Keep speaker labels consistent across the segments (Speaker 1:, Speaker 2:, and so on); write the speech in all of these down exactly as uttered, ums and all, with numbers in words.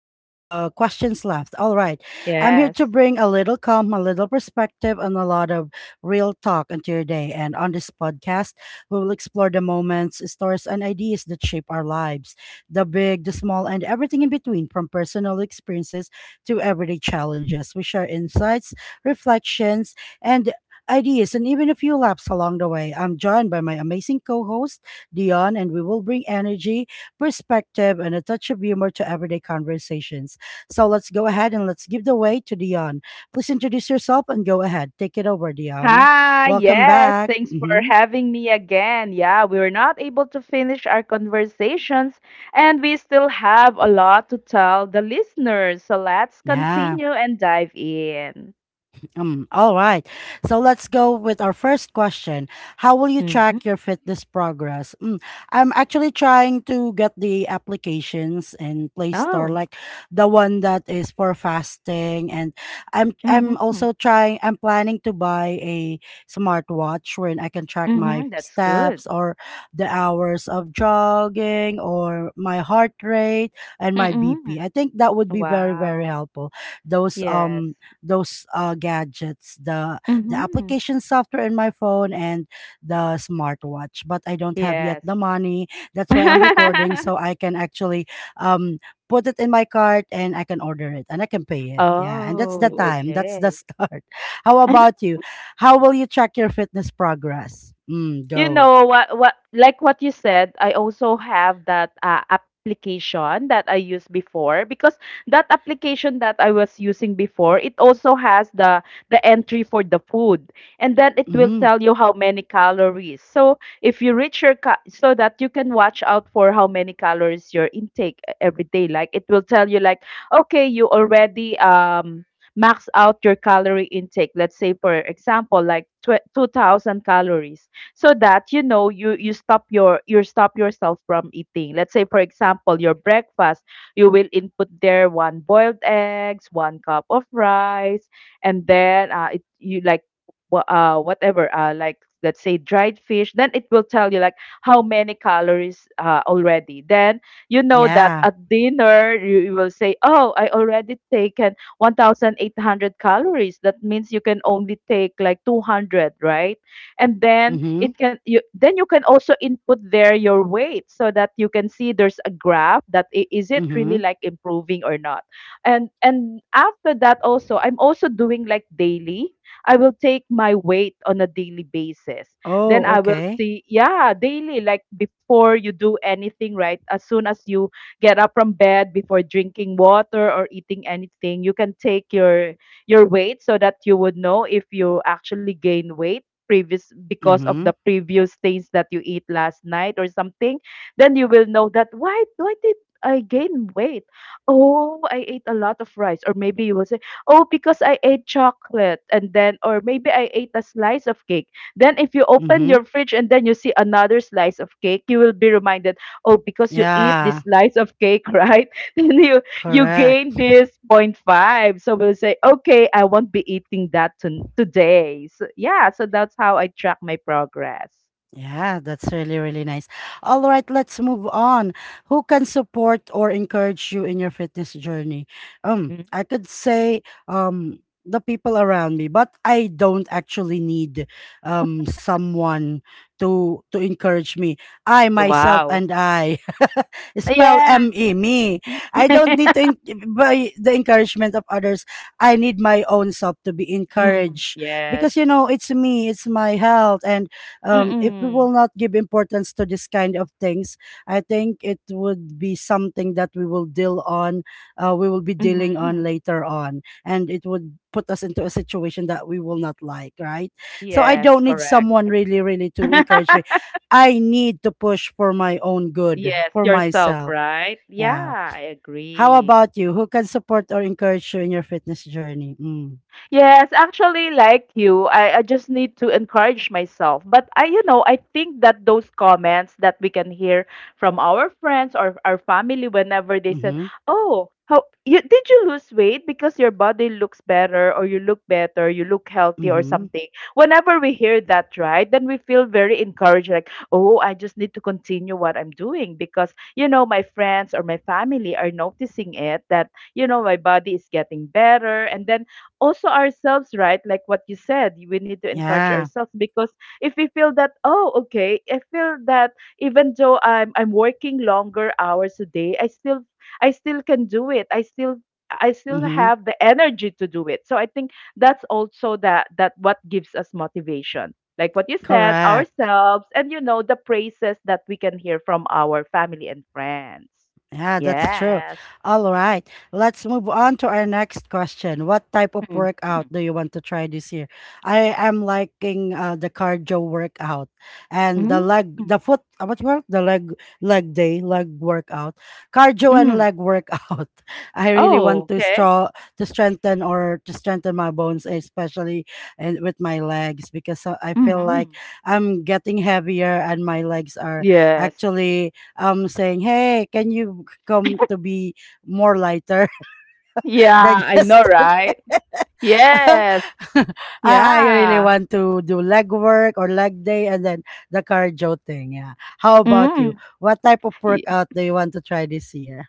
Speaker 1: um, the questions left. All right. I'm here to
Speaker 2: Yes.
Speaker 1: bring a little calm, a little perspective, and a lot of real talk into your day. And on this podcast, we will explore the moments, stories, and ideas that shape our lives, the big, the small, and everything in between, from personal experiences to everyday challenges. We share insights, reflections, and ideas, and even a few laps along the way. I'm joined by my amazing co host, Dion, and we will bring energy, perspective, and a touch of humor to everyday conversations. So let's go ahead and let's give the way to Dion. Please introduce yourself and go ahead. Take it over, Dion.
Speaker 2: Hi,
Speaker 1: Welcome
Speaker 2: yes.
Speaker 1: back.
Speaker 2: Thanks for
Speaker 1: Hmm.
Speaker 2: having me again. Yeah, we were not able to finish our conversations and we still have a lot to tell the listeners. So let's
Speaker 1: Yeah.
Speaker 2: continue and dive in.
Speaker 1: Um, all right. So let's go with our first question. How will you
Speaker 2: Mm-hmm.
Speaker 1: track your fitness progress? Mm, I'm actually trying to get the applications in Play Store,
Speaker 2: Oh,
Speaker 1: like the one that is for fasting, and I'm I'm
Speaker 2: mm-hmm.
Speaker 1: also trying. I'm planning to buy a smartwatch wherein I can track my
Speaker 2: Mm-hmm. That's good.
Speaker 1: steps or the hours of jogging or my heart rate and my B P.
Speaker 2: Mm-hmm.
Speaker 1: I think that would be very very
Speaker 2: Wow.
Speaker 1: helpful. Those um
Speaker 2: Yes.
Speaker 1: those uh, gadgets, the the
Speaker 2: Mm-hmm.
Speaker 1: application software in my phone and the smartwatch. But I don't have yet
Speaker 2: Yes.
Speaker 1: the money. That's why I'm recording so I can actually um put it in my cart and I can order it and I can pay it. Yeah, and that's the
Speaker 2: oh,
Speaker 1: time. That's the
Speaker 2: okay.
Speaker 1: start. How about you? How will you track your fitness progress? Mm,
Speaker 2: You
Speaker 1: go.
Speaker 2: know what what like what you said, I also have that uh, application that I used before, because that application that I was using before, it also has the the entry for the food. And then it will
Speaker 1: Mm-hmm.
Speaker 2: tell you how many calories. So if you reach your ca- so that you can watch out for how many calories your intake e- every day. Like it will tell you, like, okay, you already um max out your calorie intake. Let's say for example like tw- two thousand calories. So that you know, you you stop your, you stop yourself from eating. Let's say for example your breakfast, you will input there one boiled eggs, one cup of rice. And then uh, it, you like wha- uh, whatever, uh, like, let's say dried fish. Then it will tell you, like, how many calories uh, already. Then you know that
Speaker 1: Yeah.
Speaker 2: at dinner you, you will say, oh, I already taken one thousand eight hundred calories. That means you can only take like two hundred, right? And then
Speaker 1: Mm-hmm.
Speaker 2: it can, you, then you can also input there your weight so that you can see there's a graph that i- is it
Speaker 1: Mm-hmm.
Speaker 2: really like improving or not. And and after that, also I'm also doing like daily. I will take my weight on a daily basis. Then
Speaker 1: Oh,
Speaker 2: I will
Speaker 1: okay.
Speaker 2: see, yeah, daily, like before you do anything, right? As soon as you get up from bed, before drinking water or eating anything, you can take your your weight, so that you would know if you actually gain weight previous, because of
Speaker 1: Mm-hmm.
Speaker 2: the previous things that you eat last night or something. Then you will know that why why did I gain weight. Oh, I ate a lot of rice. Or maybe you will say, oh, because I ate chocolate. And then, or maybe I ate a slice of cake. Then if you open
Speaker 1: Mm-hmm.
Speaker 2: your fridge and then you see another slice of cake, you will be reminded, oh, because you eat this
Speaker 1: Yeah.
Speaker 2: slice of cake, right? Then you you gain
Speaker 1: Correct.
Speaker 2: this point five. So we'll say, okay, I won't be eating that ton today. So yeah, so that's how I track my progress.
Speaker 1: Yeah, that's really, really nice. All right, let's move on. Who can support or encourage you in your fitness journey? Um,
Speaker 2: Mm.
Speaker 1: I could say um the people around me, but I don't actually need um someone to to encourage me. I myself
Speaker 2: Wow.
Speaker 1: and I spell
Speaker 2: Yeah.
Speaker 1: M E me. I don't need to en- By the encouragement of others. I need my own self to be
Speaker 2: Mm,
Speaker 1: encouraged
Speaker 2: yes.
Speaker 1: because you know it's me, it's my health, and um, if we
Speaker 2: Mm-mm,
Speaker 1: will not give importance to this kind of things, I think it would be something that we will deal on, uh, we will be dealing
Speaker 2: mm-hmm.
Speaker 1: on later on, and it would put us into a situation that we will not like, right? So I
Speaker 2: Yes,
Speaker 1: don't need
Speaker 2: correct.
Speaker 1: someone really, really to encourage me. I need to push for my own good,
Speaker 2: Yes,
Speaker 1: for
Speaker 2: yourself,
Speaker 1: myself.
Speaker 2: right.
Speaker 1: Yeah.
Speaker 2: Yeah, I
Speaker 1: How
Speaker 2: agree.
Speaker 1: about you? Who can support or encourage you in your fitness journey? Mm.
Speaker 2: Yes, actually, like you, I, I just need to encourage myself. But I, you know, I think that those comments that we can hear from our friends or our family whenever they said,
Speaker 1: Mm-hmm.
Speaker 2: "Oh, how you did you lose weight, because your body looks better, or you look better, you look healthy or
Speaker 1: Mm-hmm.
Speaker 2: something." Whenever we hear that, right, then we feel very encouraged. Like, oh, I just need to continue what I'm doing, because you know my friends or my family are noticing it that you know my body is getting better. And then also ourselves, right? Like what you said, we need to encourage
Speaker 1: Yeah.
Speaker 2: ourselves, because if we feel that, oh, okay, I feel that even though I'm I'm working longer hours a day, I still I still can do it. I still I still
Speaker 1: Mm-hmm.
Speaker 2: have the energy to do it. So I think that's also that that what gives us motivation. Like what you said,
Speaker 1: Correct.
Speaker 2: ourselves, and you know the praises that we can hear from our family and friends.
Speaker 1: Yeah, that's true.
Speaker 2: Yes.
Speaker 1: All right. Let's move on to our next question. What type of
Speaker 2: Mm.
Speaker 1: workout
Speaker 2: Hmm.
Speaker 1: do you want to try this year? I am liking uh, the cardio workout and the
Speaker 2: Mm.
Speaker 1: leg, the foot, uh, what you call it? The leg, leg day, leg workout, cardio and
Speaker 2: Mm.
Speaker 1: leg workout. I really want
Speaker 2: Oh,
Speaker 1: to
Speaker 2: okay.
Speaker 1: straw To strengthen or to strengthen my bones, especially and with my legs, because uh, I feel like
Speaker 2: Mhm.
Speaker 1: I'm getting heavier and my legs are
Speaker 2: Yes.
Speaker 1: actually um saying, "Hey, can you come to be more lighter
Speaker 2: Yeah,
Speaker 1: than
Speaker 2: I know,
Speaker 1: yesterday?"
Speaker 2: right? Yes.
Speaker 1: I, I really
Speaker 2: Yeah.
Speaker 1: want to do leg work or leg day and then the cardio thing. Yeah. How about you?
Speaker 2: Mm.
Speaker 1: What type of workout do you want to try this year?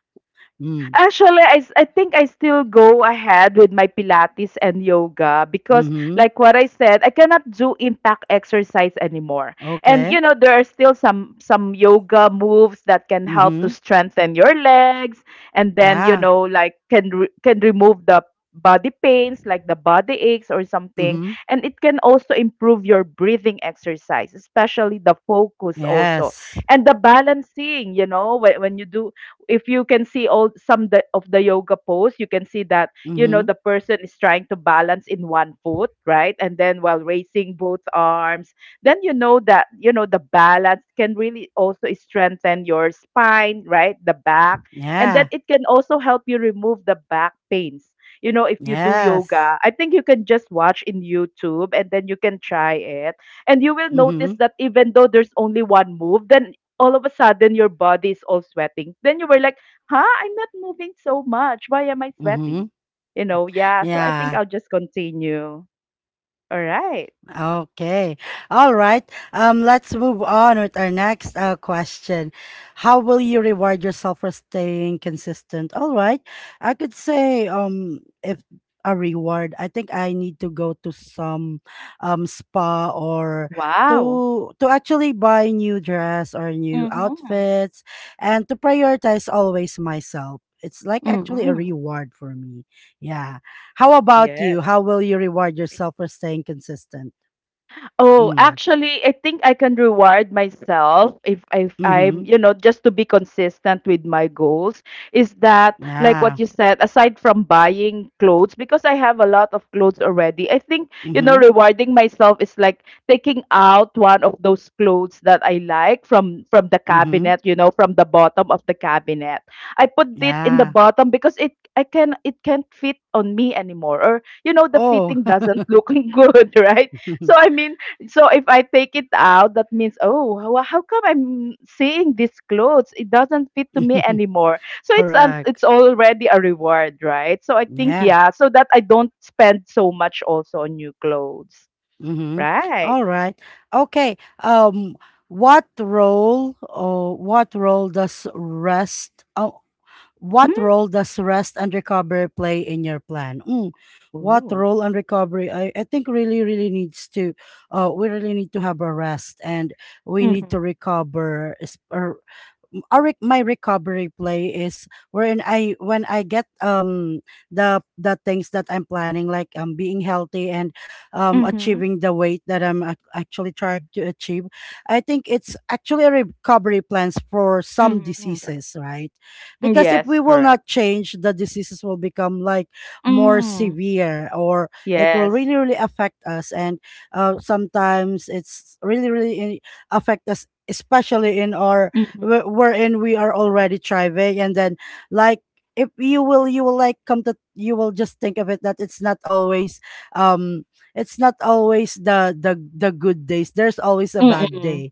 Speaker 1: Mm.
Speaker 2: Actually, I, s- I think I still go ahead with my Pilates and yoga, because,
Speaker 1: Mm-hmm.
Speaker 2: like what I said, I cannot do impact exercise anymore. And
Speaker 1: Okay.
Speaker 2: you know, there are still some some yoga moves that can help to
Speaker 1: Mm-hmm.
Speaker 2: strengthen your legs, and then, you
Speaker 1: Yeah.
Speaker 2: know, like, can re- can remove the body pains, like the body aches or something.
Speaker 1: Mm-hmm.
Speaker 2: And it can also improve your breathing exercise, especially the focus also
Speaker 1: Yes.
Speaker 2: and the balancing. You know, when when you do, if you can see all some the, of the yoga pose, you can see that you know
Speaker 1: Mm-hmm.
Speaker 2: the person is trying to balance in one foot, right, and then while raising both arms, then you know that you know the balance can really also strengthen your spine, right, the back. And then
Speaker 1: Yeah.
Speaker 2: it can also help you remove the back pains. You know, if you do
Speaker 1: Yes.
Speaker 2: yoga, I think you can just watch in YouTube and then you can try it, and you will
Speaker 1: Mm-hmm.
Speaker 2: notice that even though there's only one move, then all of a sudden your body is all sweating. Then you were like, huh, I'm not moving so much. Why am I
Speaker 1: Mm-hmm.
Speaker 2: sweating? You know, yeah. So I think
Speaker 1: Yeah.
Speaker 2: I'll just continue. All right.
Speaker 1: Okay. All right. Um, let's move on with our next uh, question. How will you reward yourself for staying consistent? All right. I could say um if a reward, I think I need to go to some um spa or
Speaker 2: Wow.
Speaker 1: to to actually buy new dress or new
Speaker 2: Mm-hmm.
Speaker 1: outfits and to prioritize always myself. It's like actually a
Speaker 2: Mm-hmm.
Speaker 1: reward for me. Yeah. How about
Speaker 2: Yes.
Speaker 1: you? How will you reward yourself for staying consistent?
Speaker 2: Oh,
Speaker 1: Mm.
Speaker 2: actually, I think I can reward myself if if I'm,
Speaker 1: Mhm.
Speaker 2: you know, just to be consistent with my goals. Is that, like what
Speaker 1: Yeah.
Speaker 2: you said, aside from buying clothes, because I have a lot of clothes already, I think, you know,
Speaker 1: Mhm.
Speaker 2: rewarding myself is like taking out one of those clothes that I like from from the
Speaker 1: Mhm.
Speaker 2: cabinet, you know, from the bottom of the cabinet. I put it in the
Speaker 1: Yeah.
Speaker 2: bottom because it, I can, it can't fit on me anymore, or you know the
Speaker 1: Oh.
Speaker 2: fitting doesn't look good, right? So I mean, so if I take it out, that means, oh, how, how come I'm seeing these clothes? It doesn't fit to me anymore. So it's an,
Speaker 1: Correct.
Speaker 2: it's already a reward, right? So I think,
Speaker 1: Yeah.
Speaker 2: yeah, so that I don't spend so much also on new clothes,
Speaker 1: Mhm.
Speaker 2: right?
Speaker 1: All right. Okay. Um what role or what role does rest oh what
Speaker 2: Mm.
Speaker 1: role does rest and recovery play in your plan? Mm. What
Speaker 2: Ooh.
Speaker 1: role and recovery? I, I think really, really needs to, uh, we really need to have a rest and we need
Speaker 2: Mhm.
Speaker 1: to recover, es- uh, m- our rec- my recovery play is wherein I when I get um the the things that I'm planning, like um being healthy and um
Speaker 2: Mhm.
Speaker 1: achieving the weight that I'm ac- actually trying to achieve. I think it's actually a recovery plans for some
Speaker 2: Mhm.
Speaker 1: diseases, right? Because if
Speaker 2: Yes,
Speaker 1: we will
Speaker 2: correct.
Speaker 1: not change, the diseases will become like more
Speaker 2: Mm.
Speaker 1: severe, or it will
Speaker 2: Yes.
Speaker 1: really really affect us, and uh, sometimes it's really really in- affect us, especially in our
Speaker 2: Mhm.
Speaker 1: wh- wherein we are already thriving, and then like if you will you will like come to you will just think of it that it's not always um it's not always the the the good days, there's always a bad
Speaker 2: Mm-mm.
Speaker 1: day.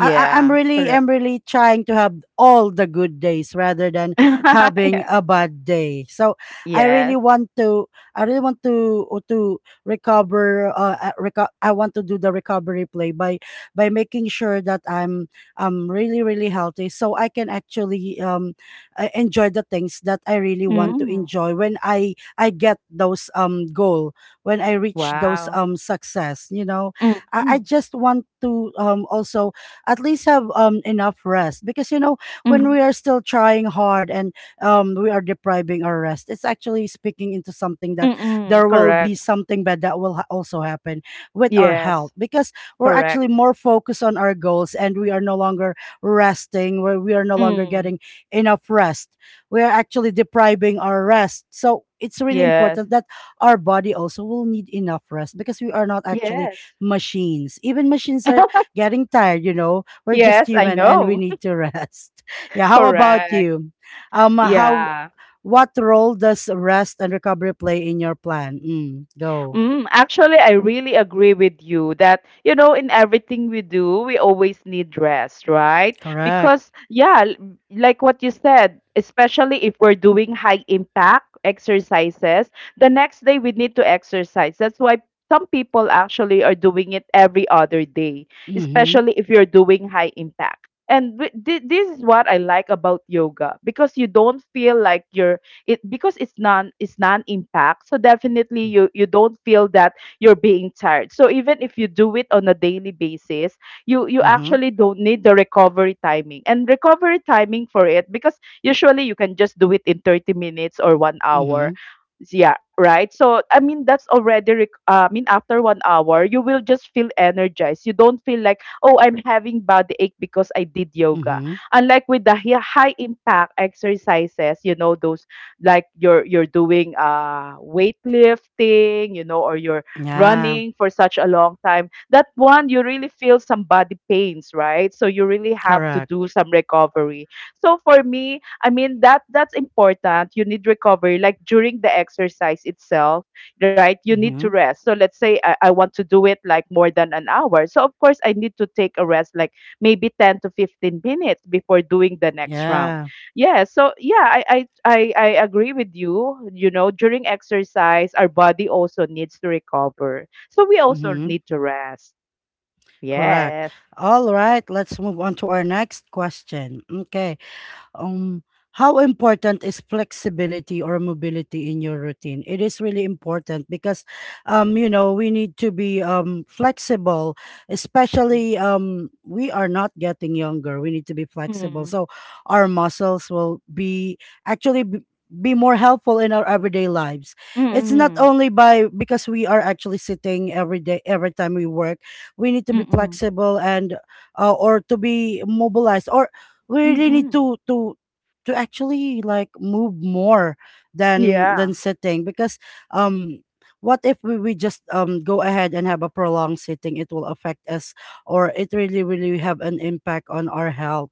Speaker 1: I, I- I'm really
Speaker 2: correct.
Speaker 1: I'm really trying to have all the good days rather than having
Speaker 2: Yeah.
Speaker 1: a bad day. So I really
Speaker 2: Yes.
Speaker 1: want to I really want to to recover. Uh, uh, reco- I want to do the recovery play by by making sure that I'm I'm really really healthy, so I can actually um uh, enjoy the things that I really want to
Speaker 2: Mm.
Speaker 1: enjoy when I I get those um goal, when I reach those
Speaker 2: Wow.
Speaker 1: um success. You know, I,
Speaker 2: Mhm.
Speaker 1: I just want to um also at least have um enough rest, because you know when we
Speaker 2: Mhm.
Speaker 1: are still trying hard and um we are depriving our rest, it's actually speaking into something that
Speaker 2: Mm,
Speaker 1: there will be
Speaker 2: correct.
Speaker 1: something bad that will ha- also happen with our
Speaker 2: Yes,
Speaker 1: health, because we're
Speaker 2: correct.
Speaker 1: actually more focused on our goals and we are no longer resting, where we are no longer
Speaker 2: Mm,
Speaker 1: getting enough rest, we are actually depriving our rest. So it's really
Speaker 2: yes.
Speaker 1: important that our body also will need enough rest, because we are not actually
Speaker 2: Yes.
Speaker 1: machines. Even machines are getting tired, you know. We're just
Speaker 2: Yes, I
Speaker 1: human and we
Speaker 2: know.
Speaker 1: need to rest. Yeah, how about
Speaker 2: Correct.
Speaker 1: you? Um how
Speaker 2: Yeah,
Speaker 1: What role does rest and recovery play in your plan? Mm, go.
Speaker 2: mm, actually, I really agree with you that, you know, in everything we do, we always need rest, right?
Speaker 1: Correct.
Speaker 2: Because, yeah, l- like what you said, especially if we're doing high impact exercises, the next day we need to exercise. That's why some people actually are doing it every other day,
Speaker 1: Mhm.
Speaker 2: especially if you're doing high impact. And wi- thi- this is what I like about yoga, because you don't feel like you're it, because it's non it's non-impact. So definitely you you don't feel that you're being tired, so even if you do it on a daily basis, you you
Speaker 1: Mhm.
Speaker 2: actually don't need the recovery timing and recovery timing for it, because usually you can just do it in thirty minutes or one hour,
Speaker 1: Mhm.
Speaker 2: yeah, right? So I mean, that's already rec- uh, I mean, after one hour, you will just feel energized. You don't feel like, oh, I'm having body ache because I did yoga,
Speaker 1: Mhm.
Speaker 2: unlike with the hi- high impact exercises. You know, those, like, you're you're doing uh weightlifting, you know, or you're
Speaker 1: Yeah,
Speaker 2: running for such a long time that one, you really feel some body pains, right? So you really have to
Speaker 1: correct.
Speaker 2: do some recovery. So for me, I mean, that that's important. You need recovery, like during the exercise itself, right? You need to
Speaker 1: Mhm.
Speaker 2: rest. So let's say I, I want to do it like more than an hour, so of course I need to take a rest like maybe ten to fifteen minutes before doing the next round.
Speaker 1: Yeah.
Speaker 2: Yeah, so yeah, I, I I I agree with you. You know, during exercise, our body also needs to recover. So we also
Speaker 1: Mhm.
Speaker 2: need to rest.
Speaker 1: Correct.
Speaker 2: Yes.
Speaker 1: All right, let's move on to our next question. Okay. Um, how important is flexibility or mobility in your routine? It is really important because, um, you know, we need to be um, flexible, especially um, we are not getting younger. We need to be flexible,
Speaker 2: Mm-hmm.
Speaker 1: so our muscles will be actually b- be more helpful in our everyday lives. It's not
Speaker 2: Mm-hmm.
Speaker 1: only by, because we are actually sitting every day, every time we work. We need to be
Speaker 2: Mm-hmm.
Speaker 1: flexible and uh, or to be mobilized, or we really
Speaker 2: Mm-hmm.
Speaker 1: need to to to actually like move more than
Speaker 2: Yeah.
Speaker 1: than sitting, because um what if we, we just um go ahead and have a prolonged sitting, it will affect us, or it really really have an impact on our health.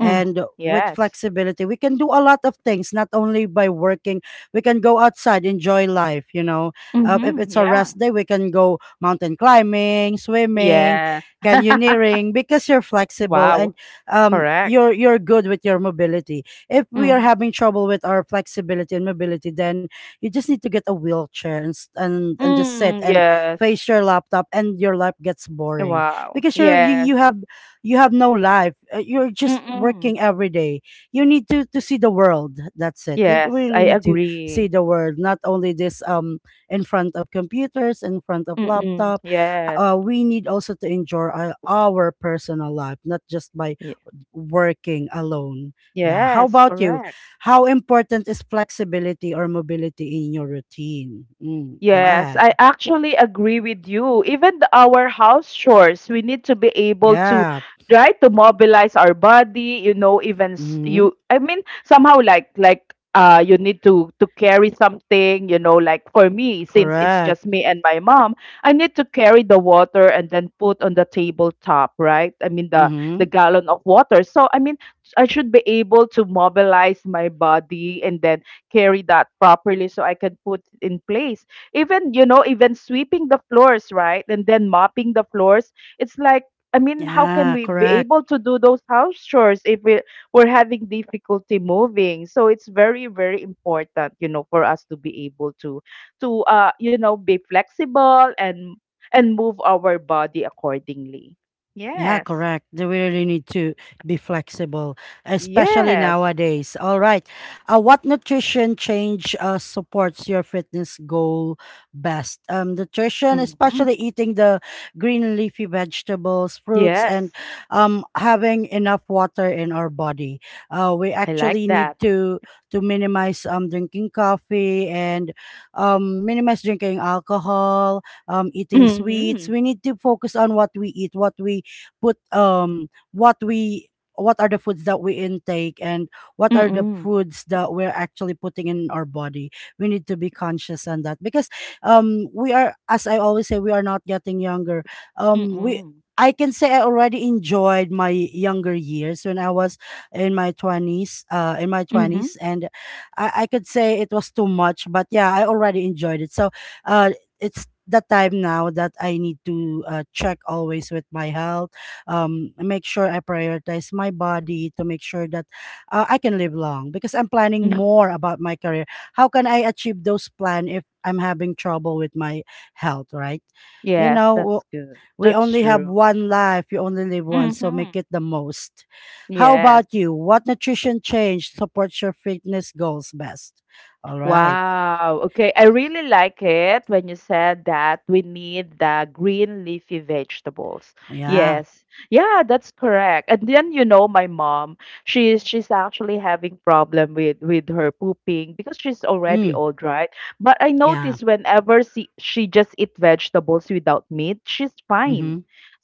Speaker 2: Mm-hmm.
Speaker 1: with
Speaker 2: Yes.
Speaker 1: flexibility we can do a lot of things, not only by working, we can go outside, enjoy life, you know, uh, if
Speaker 2: Mm-hmm.
Speaker 1: it's a
Speaker 2: Yeah.
Speaker 1: rest day we can go mountain climbing, swimming,
Speaker 2: Yes.
Speaker 1: canyoneering, because you're flexible
Speaker 2: Wow.
Speaker 1: and um,
Speaker 2: Correct.
Speaker 1: you're you're good with your mobility. If we are
Speaker 2: Mm-hmm.
Speaker 1: having trouble with our flexibility and mobility, then you just need to get a wheelchair and s- and, and just sit
Speaker 2: Mm,
Speaker 1: and
Speaker 2: yes.
Speaker 1: face your laptop, and your life gets boring,
Speaker 2: Wow.
Speaker 1: because you're, you
Speaker 2: Yes.
Speaker 1: you have you have no life. Uh, You're just
Speaker 2: Mm-hmm.
Speaker 1: working every day. You need to to see the world. That's it. You you
Speaker 2: Yes, I
Speaker 1: really need to see
Speaker 2: agree.
Speaker 1: the world, not only this um in front of computers, in front of
Speaker 2: Mm-hmm.
Speaker 1: laptop.
Speaker 2: Yes.
Speaker 1: Uh, we need also to enjoy our, our personal life, not just by working alone. Yeah. How
Speaker 2: Yes,
Speaker 1: about you?
Speaker 2: correct.
Speaker 1: How important is flexibility or mobility in your routine? Mm, go
Speaker 2: Yes,
Speaker 1: ahead.
Speaker 2: I actually agree with you. Even the, our house chores, we need to be able to
Speaker 1: Yeah.
Speaker 2: try to mobilize our body, you know, even s-
Speaker 1: Mm-hmm.
Speaker 2: you, I mean somehow, like like uh you need to to carry something, you know, like for me, since it's
Speaker 1: Correct.
Speaker 2: just me and my mom, I need to carry the water and then put on the tabletop, right? I mean the the
Speaker 1: Mm-hmm.
Speaker 2: gallon of water. So I mean I should be able to mobilize my body and then carry that properly so I can put it in place. Even, you know, even sweeping the floors, right, and then mopping the floors, it's like, I mean, how can
Speaker 1: Yeah,
Speaker 2: we be
Speaker 1: correct.
Speaker 2: able to do those house chores if we, we're having difficulty moving. So it's very very important, you know, for us to be able to to uh you know, be flexible and and move our body accordingly.
Speaker 1: Yeah,
Speaker 2: Yes.
Speaker 1: correct. They really need to be flexible, especially
Speaker 2: Yes.
Speaker 1: nowadays. All right. Uh, what nutrition change uh, supports your fitness goal best? Um, nutrition,
Speaker 2: Mm-hmm.
Speaker 1: especially eating the green leafy vegetables, fruits,
Speaker 2: Yes,
Speaker 1: and um, having enough water in our body. Uh, we
Speaker 2: I like
Speaker 1: actually
Speaker 2: that.
Speaker 1: need to to minimize um, drinking coffee and um, minimize drinking alcohol, um, eating
Speaker 2: Mhm.
Speaker 1: sweets. We need to focus on what we eat, what we put um what we what are the foods that we intake and what are the
Speaker 2: Mm-mm.
Speaker 1: foods that we're actually putting in our body. We need to be conscious on that because um we are, as I always say, we are not getting younger. Um we
Speaker 2: Mm-mm.
Speaker 1: I can say I already enjoyed my younger years when I was in my twenties uh in my twenties and i, I could say it was too much, but yeah, I already enjoyed it. So uh it's the time now that I need to uh, check always with my health, um, make sure I prioritize my body to make sure that uh, I can live long because I'm planning
Speaker 2: Mm-hmm.
Speaker 1: more about my career. How can I achieve those plan if I'm having trouble with my health, right? You
Speaker 2: Yes,
Speaker 1: know, w-
Speaker 2: that's good.
Speaker 1: we
Speaker 2: That's
Speaker 1: only have
Speaker 2: true.
Speaker 1: one life, you only live once, so
Speaker 2: Mm-hmm.
Speaker 1: make it the most. How
Speaker 2: Yes.
Speaker 1: about you? What nutrition change supports your fitness goals best? All right.
Speaker 2: Wow, okay. I really like it when you said that we need the green leafy vegetables.
Speaker 1: Yeah.
Speaker 2: Yes. Yeah, that's correct. And then you know my mom, she's she's actually having problem with with her pooping because she's already
Speaker 1: Mm.
Speaker 2: old, right? But I
Speaker 1: Yeah.
Speaker 2: notice whenever she she just eat vegetables without meat, she's
Speaker 1: Mm-hmm.
Speaker 2: fine.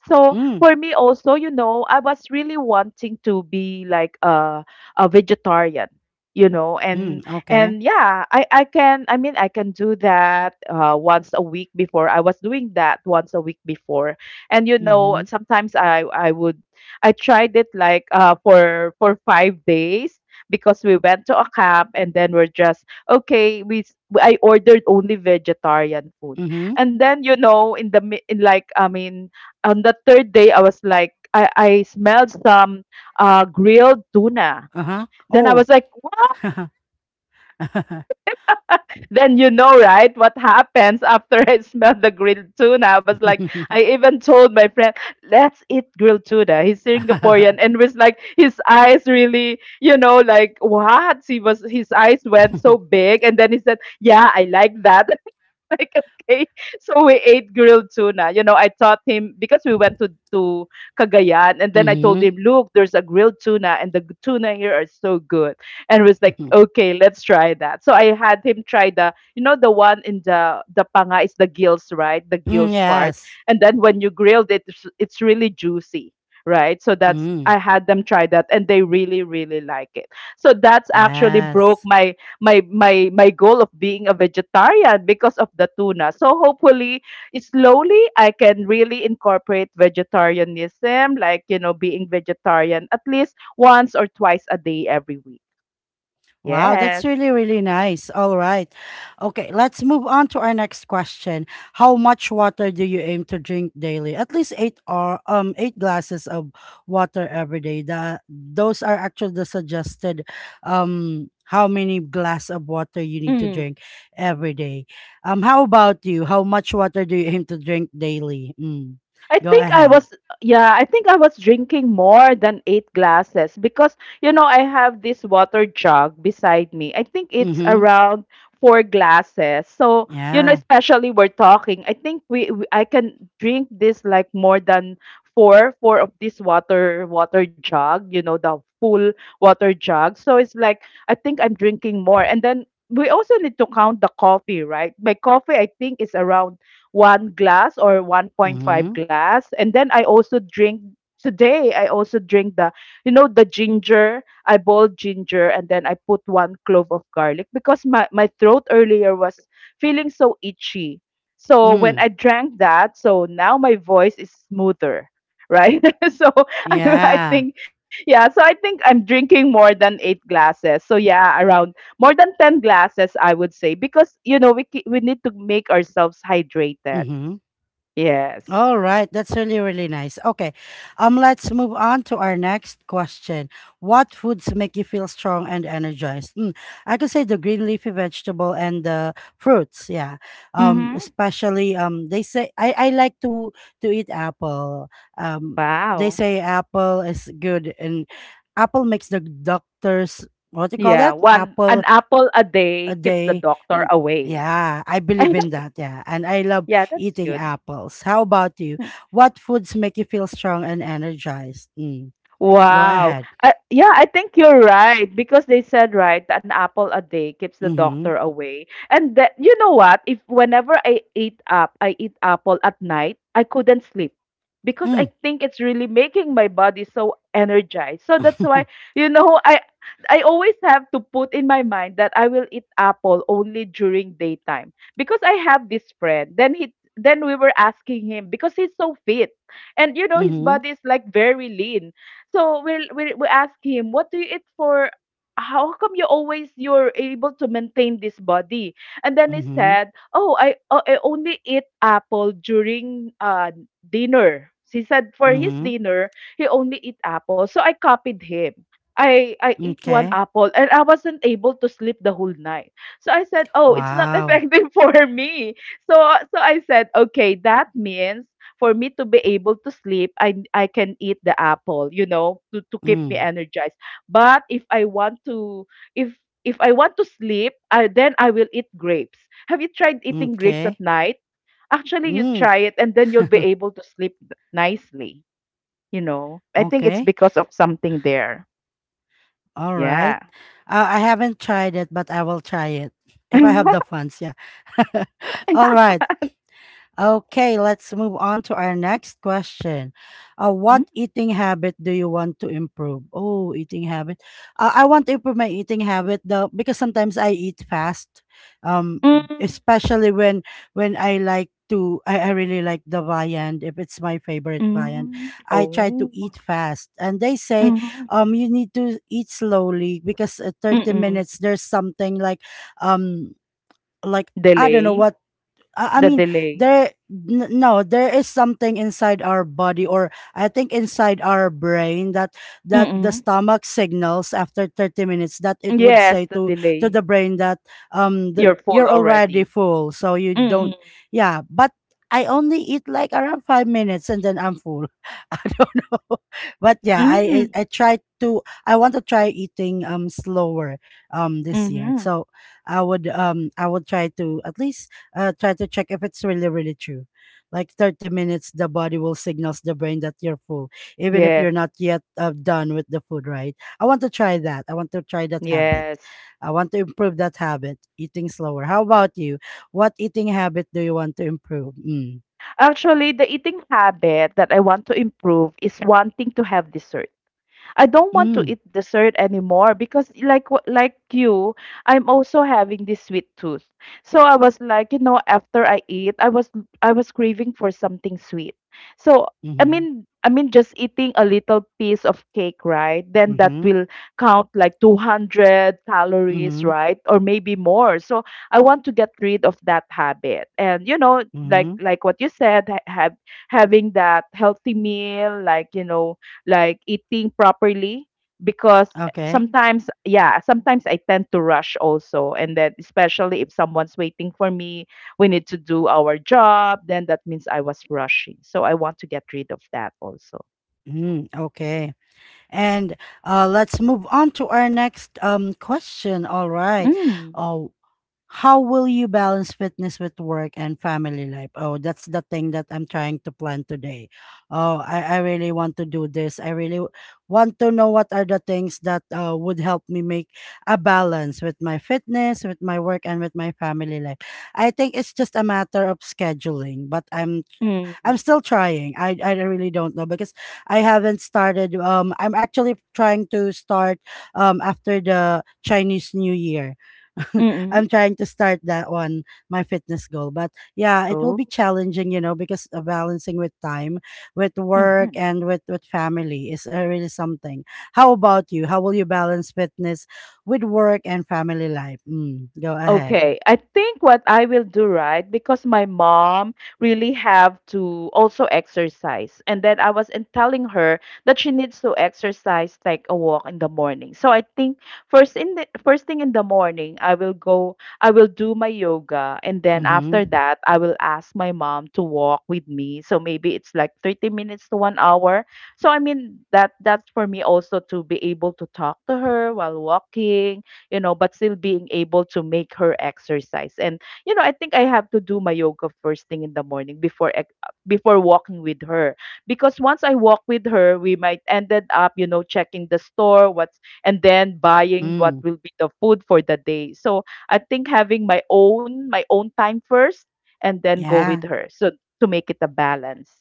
Speaker 2: So
Speaker 1: Mm.
Speaker 2: for me also, you know, I was really wanting to be like a a vegetarian, you know,
Speaker 1: Mm.
Speaker 2: and
Speaker 1: Okay.
Speaker 2: and yeah i i can, i mean i can do that uh once a week. Before I was doing that once a week. Before and you know,
Speaker 1: Mm-hmm.
Speaker 2: sometimes i i would, I tried it like uh for for five days because we went to a camp, and then we're just okay, we s- I ordered only vegetarian food.
Speaker 1: Mm-hmm.
Speaker 2: And then you know, in the mi- in like I mean on the third day I was like, i i smelled some uh grilled tuna.
Speaker 1: Uh-huh.
Speaker 2: Then I
Speaker 1: Oh.
Speaker 2: was like, then you know, right, what happens after I smelled the grilled tuna. I was like, I even told my friend, let's eat grilled tuna. He's Singaporean
Speaker 1: Mhm.
Speaker 2: and was like, his eyes really, you know, like what? He was his eyes went so big, and then he said, yeah, I like that. Like, okay, so we ate grilled tuna. You know, I taught him because we went to to Cagayan, and then I told him, look, there's a grilled tuna and the g- tuna here are so good. And was like, okay, let's try that. So I had him try the, you know, the one in the the panga is the gills, right? The gills part.
Speaker 1: yes.
Speaker 2: And then when you grilled it, it's, it's really juicy, right? So that's,
Speaker 1: Mm,
Speaker 2: I had them try that, and they really really like it. So that's actually broke
Speaker 1: yes.
Speaker 2: my my my my goal of being a vegetarian because of the tuna. So hopefully, slowly I can really incorporate vegetarianism, like you know, being vegetarian at least once or twice a day every week.
Speaker 1: Wow, that's
Speaker 2: Yes.
Speaker 1: really, really nice. All right. Okay, let's move on to our next question. How much water do you aim to drink daily? At least eight or um eight glasses of water every day. The, those are actually the suggested um how many glass of water you need to
Speaker 2: Mm.
Speaker 1: drink every day. Um, how about you? How much water do you aim to drink daily? Mm.
Speaker 2: I
Speaker 1: Go
Speaker 2: think I
Speaker 1: ahead.
Speaker 2: was, yeah, I think I was drinking more than eight glasses because you know, I have this water jug beside me. I think it's
Speaker 1: Mm-hmm.
Speaker 2: around four glasses. So you know,
Speaker 1: Yeah.
Speaker 2: especially we're talking, I think we, we I can drink this like more than four four of this water water jug, you know, the full water jug. So it's like, I think I'm drinking more. And then we also need to count the coffee, right? My coffee I think is around one glass or one point five
Speaker 1: Mm-hmm.
Speaker 2: glass. And then I also drink, today I also drink the, you know, the ginger. I boiled ginger and then I put one clove of garlic because my, my throat earlier was feeling so itchy. So when
Speaker 1: Mm.
Speaker 2: I drank that, so now my voice is smoother. Right. So I, I
Speaker 1: Yeah.
Speaker 2: think, yeah. So I think I'm drinking more than eight glasses. So yeah, around more than ten glasses, I would say, because you know, we ki- we need to make ourselves hydrated.
Speaker 1: Mm-hmm.
Speaker 2: Yes.
Speaker 1: All right, that's really, really nice. Okay, um, let's move on to our next question. What foods make you feel strong and energized? Mm, I could say the green leafy vegetable and the fruits. Yeah, um,
Speaker 2: Mhm.
Speaker 1: especially um, they say I, I like to to eat apple. Um, they
Speaker 2: Wow.
Speaker 1: say apple is good, and apple makes the doctors, what do you call
Speaker 2: Yeah,
Speaker 1: that?
Speaker 2: one, an
Speaker 1: Apple
Speaker 2: apple a day
Speaker 1: a
Speaker 2: keeps the
Speaker 1: day.
Speaker 2: doctor
Speaker 1: Mm,
Speaker 2: away.
Speaker 1: yeah, I believe in that. Yeah. And I love
Speaker 2: Yeah, that's
Speaker 1: eating
Speaker 2: good.
Speaker 1: apples. How about you? What foods make you feel strong and energized? Mm. Go
Speaker 2: Wow.
Speaker 1: ahead.
Speaker 2: Uh, yeah, I think you're right, because they said, right, an apple a day keeps the
Speaker 1: Mm-hmm.
Speaker 2: doctor away. And that, you know what, if whenever I eat up, I eat apple at night, I couldn't sleep because
Speaker 1: Mm.
Speaker 2: I think it's really making my body so energized. So that's why, you know, I I always have to put in my mind that I will eat apple only during daytime. Because I have this friend. Then he then we were asking him because he's so fit, and you know, his
Speaker 1: mm-hmm.
Speaker 2: body is like very lean. So we'll, we'll we ask him, what do you eat for? How come you always, you're able to maintain this body? And then he
Speaker 1: Mm-hmm.
Speaker 2: said, oh, I oh, I only eat apple during uh dinner. He said for his
Speaker 1: Mm-hmm.
Speaker 2: dinner he only eat apple. So I copied him. I I eat one
Speaker 1: Okay.
Speaker 2: apple and I wasn't able to sleep the whole night. So I said, "Oh, it's not
Speaker 1: Wow.
Speaker 2: effective for me." So, so I said, okay, that means for me to be able to sleep, I I can eat the apple, you know, to to keep me
Speaker 1: Mm.
Speaker 2: energized. But if I want to, if if I want to sleep, I, then I will eat grapes. Have you tried eating grapes at
Speaker 1: Okay.
Speaker 2: night? Actually, you
Speaker 1: Mm.
Speaker 2: try it and then you'll be able to sleep nicely, you know. I think it's
Speaker 1: Okay.
Speaker 2: because of something there.
Speaker 1: All right.
Speaker 2: Yeah.
Speaker 1: Uh, I haven't tried it, but I will try it if I have the funds. Yeah. All right. Okay, let's move on to our next question. Uh,
Speaker 2: Mm,
Speaker 1: what eating habit do you want to improve? Oh, eating habit. Uh, I want to improve my eating habit though, because sometimes I eat fast. Um,
Speaker 2: mm,
Speaker 1: especially when when I like to, I, I really like the viand. If it's my favorite viand,
Speaker 2: mm.
Speaker 1: I try to
Speaker 2: Oh.
Speaker 1: eat fast. And they say,
Speaker 2: Mm-hmm.
Speaker 1: um, you need to eat slowly because at thirty
Speaker 2: Mm-mm.
Speaker 1: minutes there's something like, um, like I don't know
Speaker 2: Delay.
Speaker 1: what I I
Speaker 2: The
Speaker 1: mean,
Speaker 2: delay.
Speaker 1: there n- no, there is something inside our body, or I think inside our brain that that the
Speaker 2: Mm-mm.
Speaker 1: stomach signals after thirty minutes that it would
Speaker 2: Yes,
Speaker 1: say
Speaker 2: the
Speaker 1: to to
Speaker 2: delay.
Speaker 1: the brain that um the,
Speaker 2: You're full
Speaker 1: you're already
Speaker 2: already.
Speaker 1: full, so you
Speaker 2: Mm-mm.
Speaker 1: don't. Yeah, but I only eat like around five minutes and then I'm full. I don't know, but yeah, I
Speaker 2: Mm-hmm.
Speaker 1: I, I try to. I want to try eating um slower um this year,
Speaker 2: Mm-hmm.
Speaker 1: so. I would um I would try to at least uh, try to check if it's really, really true. Like thirty minutes, the body will signals the brain that you're full, even if you're
Speaker 2: Yes.
Speaker 1: not yet uh, done with the food, right? I want to try that. I want to try that habit.
Speaker 2: Yes.
Speaker 1: I want to improve that habit, eating slower. How about you? What eating habit do you want to improve? Mm.
Speaker 2: Actually, the eating habit that I want to improve is wanting to have dessert. I don't want to
Speaker 1: Mm.
Speaker 2: eat dessert anymore, because like wh- like you, I'm also having this sweet tooth. So I was like, you know, after I eat, I was I was craving for something sweet. So I
Speaker 1: Mm-hmm.
Speaker 2: mean I mean just eating a little piece of cake, right? Then that
Speaker 1: Mm-hmm.
Speaker 2: will count like two hundred calories,
Speaker 1: Mm-hmm.
Speaker 2: right? Or maybe more. So I want to get rid of that habit. And you know, like
Speaker 1: Mm-hmm.
Speaker 2: like what you said, ha- have, having that healthy meal, like you know, like eating properly, because
Speaker 1: Okay.
Speaker 2: sometimes yeah sometimes I tend to rush also. And then especially if someone's waiting for me, we need to do our job, then that means I was rushing. So I want to get rid of that also.
Speaker 1: Mm, okay. And uh, let's move on to our next um, question. All right.
Speaker 2: Mm.
Speaker 1: Uh, How will you balance fitness with work and family life? Oh, that's the thing that I'm trying to plan today. Oh, I, I really want to do this. I really w- want to know what are the things that uh, would help me make a balance with my fitness, with my work, and with my family life. I think it's just a matter of scheduling, but I'm
Speaker 2: Mm.
Speaker 1: I'm still trying. I I really don't know because I haven't started. Um, I'm actually trying to start. Um, after the Chinese New Year,
Speaker 2: Mm.
Speaker 1: I'm trying to start that one, my fitness goal. But yeah, it will
Speaker 2: Oh.
Speaker 1: be challenging, you know, because uh, balancing with time, with work,
Speaker 2: Mm.
Speaker 1: and with with family is uh, really something. How about you? How will you balance fitness with work and family life? Mm, go ahead.
Speaker 2: Okay, I think what I will do, right, because my mom really have to also exercise, and then I was in telling her that she needs to exercise like a walk in the morning. So I think first in the first thing in the morning, I will go, I will do my yoga, and then after
Speaker 1: Mm-hmm.
Speaker 2: that, I will ask my mom to walk with me. So maybe it's like thirty minutes to one hour. So I mean that that's for me also to be able to talk to her while walking, you know, but still being able to make her exercise. And you know, I think I have to do my yoga first thing in the morning before ex- before walking with her, because once I walk with her, we might ended up, you know, checking the store what's, and then buying what
Speaker 1: Mm,
Speaker 2: will be the food for the day. So I think having my own my own time first and then go
Speaker 1: yeah.
Speaker 2: with her. So to make it a balance.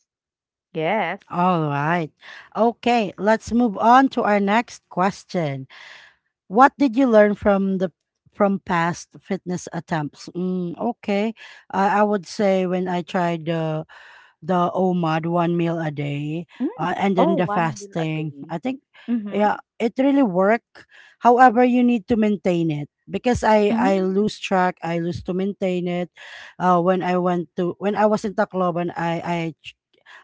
Speaker 2: Yes.
Speaker 1: All right. Okay, let's move on to our next question. What did you learn from the from past fitness attempts? Mm, okay. I I would say when I tried the the O M A D, one meal a day,
Speaker 2: Mm.
Speaker 1: uh, and
Speaker 2: Oh,
Speaker 1: then the
Speaker 2: one meal a
Speaker 1: fasting,
Speaker 2: day.
Speaker 1: I think
Speaker 2: Mm-hmm.
Speaker 1: yeah, it really worked. However, you need to maintain it because I I
Speaker 2: Mm.
Speaker 1: lose track. I lose to maintain it. Uh, when I went to when I was in Tacloban, I I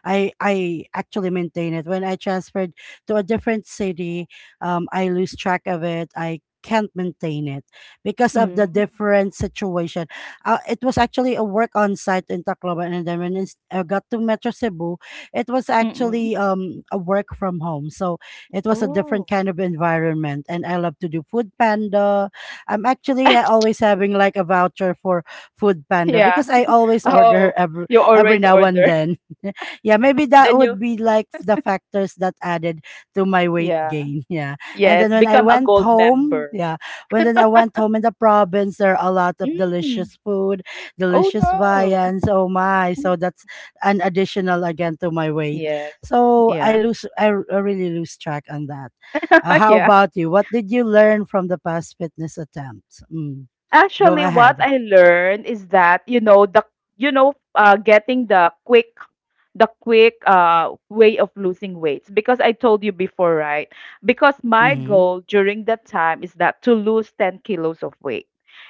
Speaker 1: I I actually maintain it. When I transferred to a different city, um, I lose track of it. I can't maintain it because of the
Speaker 2: Mm.
Speaker 1: different situation. Uh, it was actually a work on site in Tacloban, and then when it's- I got to Metro Cebu, it was
Speaker 2: Mm-mm.
Speaker 1: actually um a work from home. So it was a different
Speaker 2: Oh.
Speaker 1: kind of environment, and I love to do Food Panda. I'm actually ha- always having like a voucher for Food Panda,
Speaker 2: Yeah.
Speaker 1: because I always
Speaker 2: Oh,
Speaker 1: order every
Speaker 2: you
Speaker 1: every
Speaker 2: always
Speaker 1: now and
Speaker 2: order.
Speaker 1: then. Yeah, maybe that
Speaker 2: Then you,
Speaker 1: would be like the factors that added to my weight
Speaker 2: yeah.
Speaker 1: gain. Yeah. And then
Speaker 2: Yes,
Speaker 1: when I
Speaker 2: become a
Speaker 1: went
Speaker 2: gold
Speaker 1: home, yeah,
Speaker 2: member.
Speaker 1: when then I went home in the province, there are a lot of
Speaker 2: Mm.
Speaker 1: delicious food,
Speaker 2: Oh
Speaker 1: delicious
Speaker 2: no.
Speaker 1: viands. Oh my.
Speaker 2: Mm.
Speaker 1: So that's an additional again to my weight.
Speaker 2: Yes.
Speaker 1: So I
Speaker 2: Yeah.
Speaker 1: lose, I, r- I really lose track on that. Uh, how
Speaker 2: Yeah.
Speaker 1: about you? What did you learn from the past fitness attempts? Mm. Go
Speaker 2: Actually, what
Speaker 1: ahead.
Speaker 2: I learned is that, you know, the you know, uh, getting the quick, the quick uh way of losing weights, because I told you before, right? Because my
Speaker 1: Mm-hmm.
Speaker 2: goal during that time is that to lose ten kilos of weight.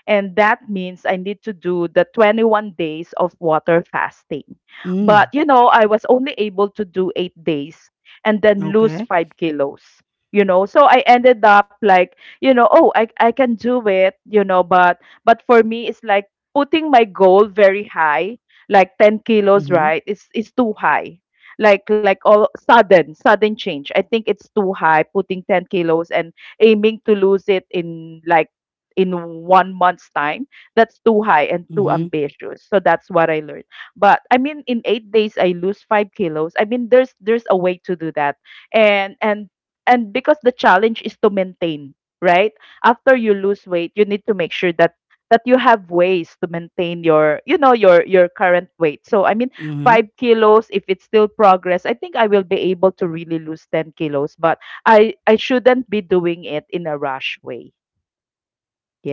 Speaker 2: And that means I need to do the twenty-one days of water fasting.
Speaker 1: Mm.
Speaker 2: But you know, I was only able to do eight days and then lose
Speaker 1: Okay.
Speaker 2: five kilos. You know, so I ended up like, you know, oh i i can do it, you know. but but for me it's like putting my goal very high, like ten kilos,
Speaker 1: Mm-hmm.
Speaker 2: right? It's it's too high. like like all sudden sudden change, I think it's too high, putting ten kilos and aiming to lose it in like, in one month's time. That's too high and too
Speaker 1: Mm-hmm.
Speaker 2: ambitious. So that's what I learned. But I mean, in eight days I lose five kilos. I mean, there's there's a way to do that. And and and because the challenge is to maintain, right? After you lose weight, you need to make sure that that you have ways to maintain your, you know, your your current weight. So I mean,
Speaker 1: Mm-hmm.
Speaker 2: five kilos, if it's still progress, I think I will be able to really lose ten kilos, but I I shouldn't be doing it in a rush way.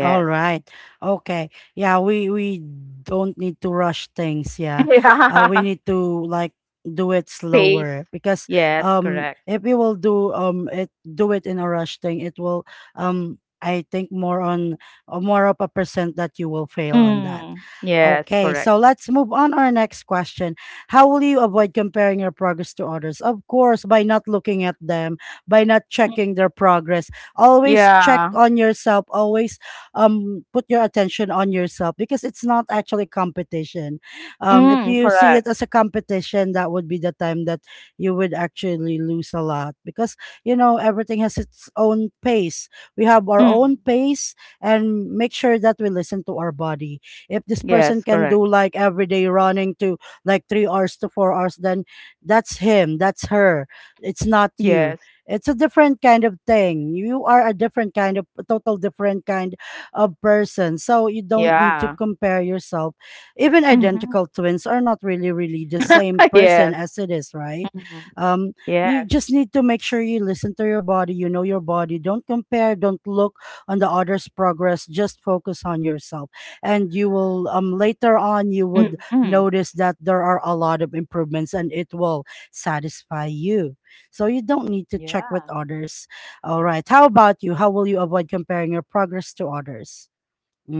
Speaker 1: All right. Okay. Yeah, we we don't need to rush things, yeah. Uh, we
Speaker 2: Yeah.
Speaker 1: need to like do it slower,
Speaker 2: Pace.
Speaker 1: because
Speaker 2: Yes,
Speaker 1: um
Speaker 2: correct.
Speaker 1: if we will do um it do it in a rush thing, it will um I think more on uh, more of a percent that you will fail on that.
Speaker 2: Mm. Yes,
Speaker 1: Okay,
Speaker 2: correct.
Speaker 1: so let's move on our next question. How will you avoid comparing your progress to others? Of course, by not looking at them, by not
Speaker 2: Mm.
Speaker 1: checking their progress. Always check
Speaker 2: Yeah.
Speaker 1: on yourself, always um put your attention on yourself, because it's not actually competition. Um, if
Speaker 2: Mm,
Speaker 1: you see it
Speaker 2: correct.
Speaker 1: as a competition, that would be the time that you would actually lose a lot, because you know everything has its own pace. We have our own
Speaker 2: Mm.
Speaker 1: pace, and make sure that we listen to our body. If this person
Speaker 2: Yes,
Speaker 1: can
Speaker 2: correct.
Speaker 1: do like everyday running to like three hours to four hours, then that's him, that's her. It's not
Speaker 2: Yes.
Speaker 1: you. It's a different kind of thing. You are a different kind of, a total different kind a person. So you don't need to
Speaker 2: Yeah.
Speaker 1: compare yourself. Even
Speaker 2: Hmm.
Speaker 1: identical twins are not really, really the same
Speaker 2: Yes.
Speaker 1: person as it is, right?
Speaker 2: Mhm.
Speaker 1: Um,
Speaker 2: Yes.
Speaker 1: you just need to make sure you listen to your body, you know your body. Don't compare, don't look on the other's progress, just focus on yourself. And you will, um, later on, you would
Speaker 2: Mhm.
Speaker 1: notice that there are a lot of improvements and it will satisfy you. So you don't need to check with
Speaker 2: Yeah.
Speaker 1: others. All right. How about you? How will you avoid comparing your progress to others?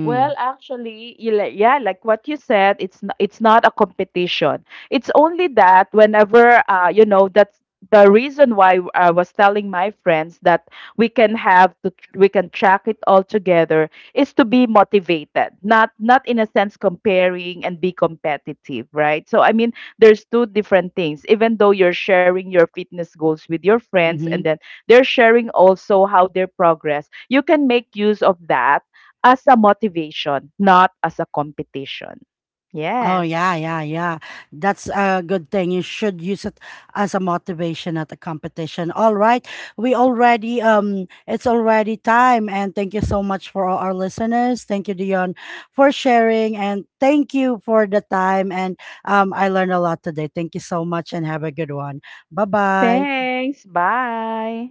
Speaker 2: Well, actually, you li- yeah, like what you said, it's n- it's not a competition. It's only that whenever uh, you know, that's the reason why I was telling my friends that we can have to tr- we can track it all together, is to be motivated, not, not in a sense comparing and be competitive, right? So I mean, there's two different things. Even though you're sharing your fitness goals with your friends, and
Speaker 1: Mm-hmm.
Speaker 2: then they're sharing also how their progress, you can make use of that as a motivation, not as a competition.
Speaker 1: Oh
Speaker 2: Yes.
Speaker 1: yeah, yeah, yeah. That's a good thing. You should use it as a motivation at the competition. All right. We already um it's already time, and thank you so much for all our listeners. Thank you, Dion, for sharing, and thank you for the time, and um I learned a lot today. Thank you so much and have a good one. Bye-bye.
Speaker 2: Thanks. Bye.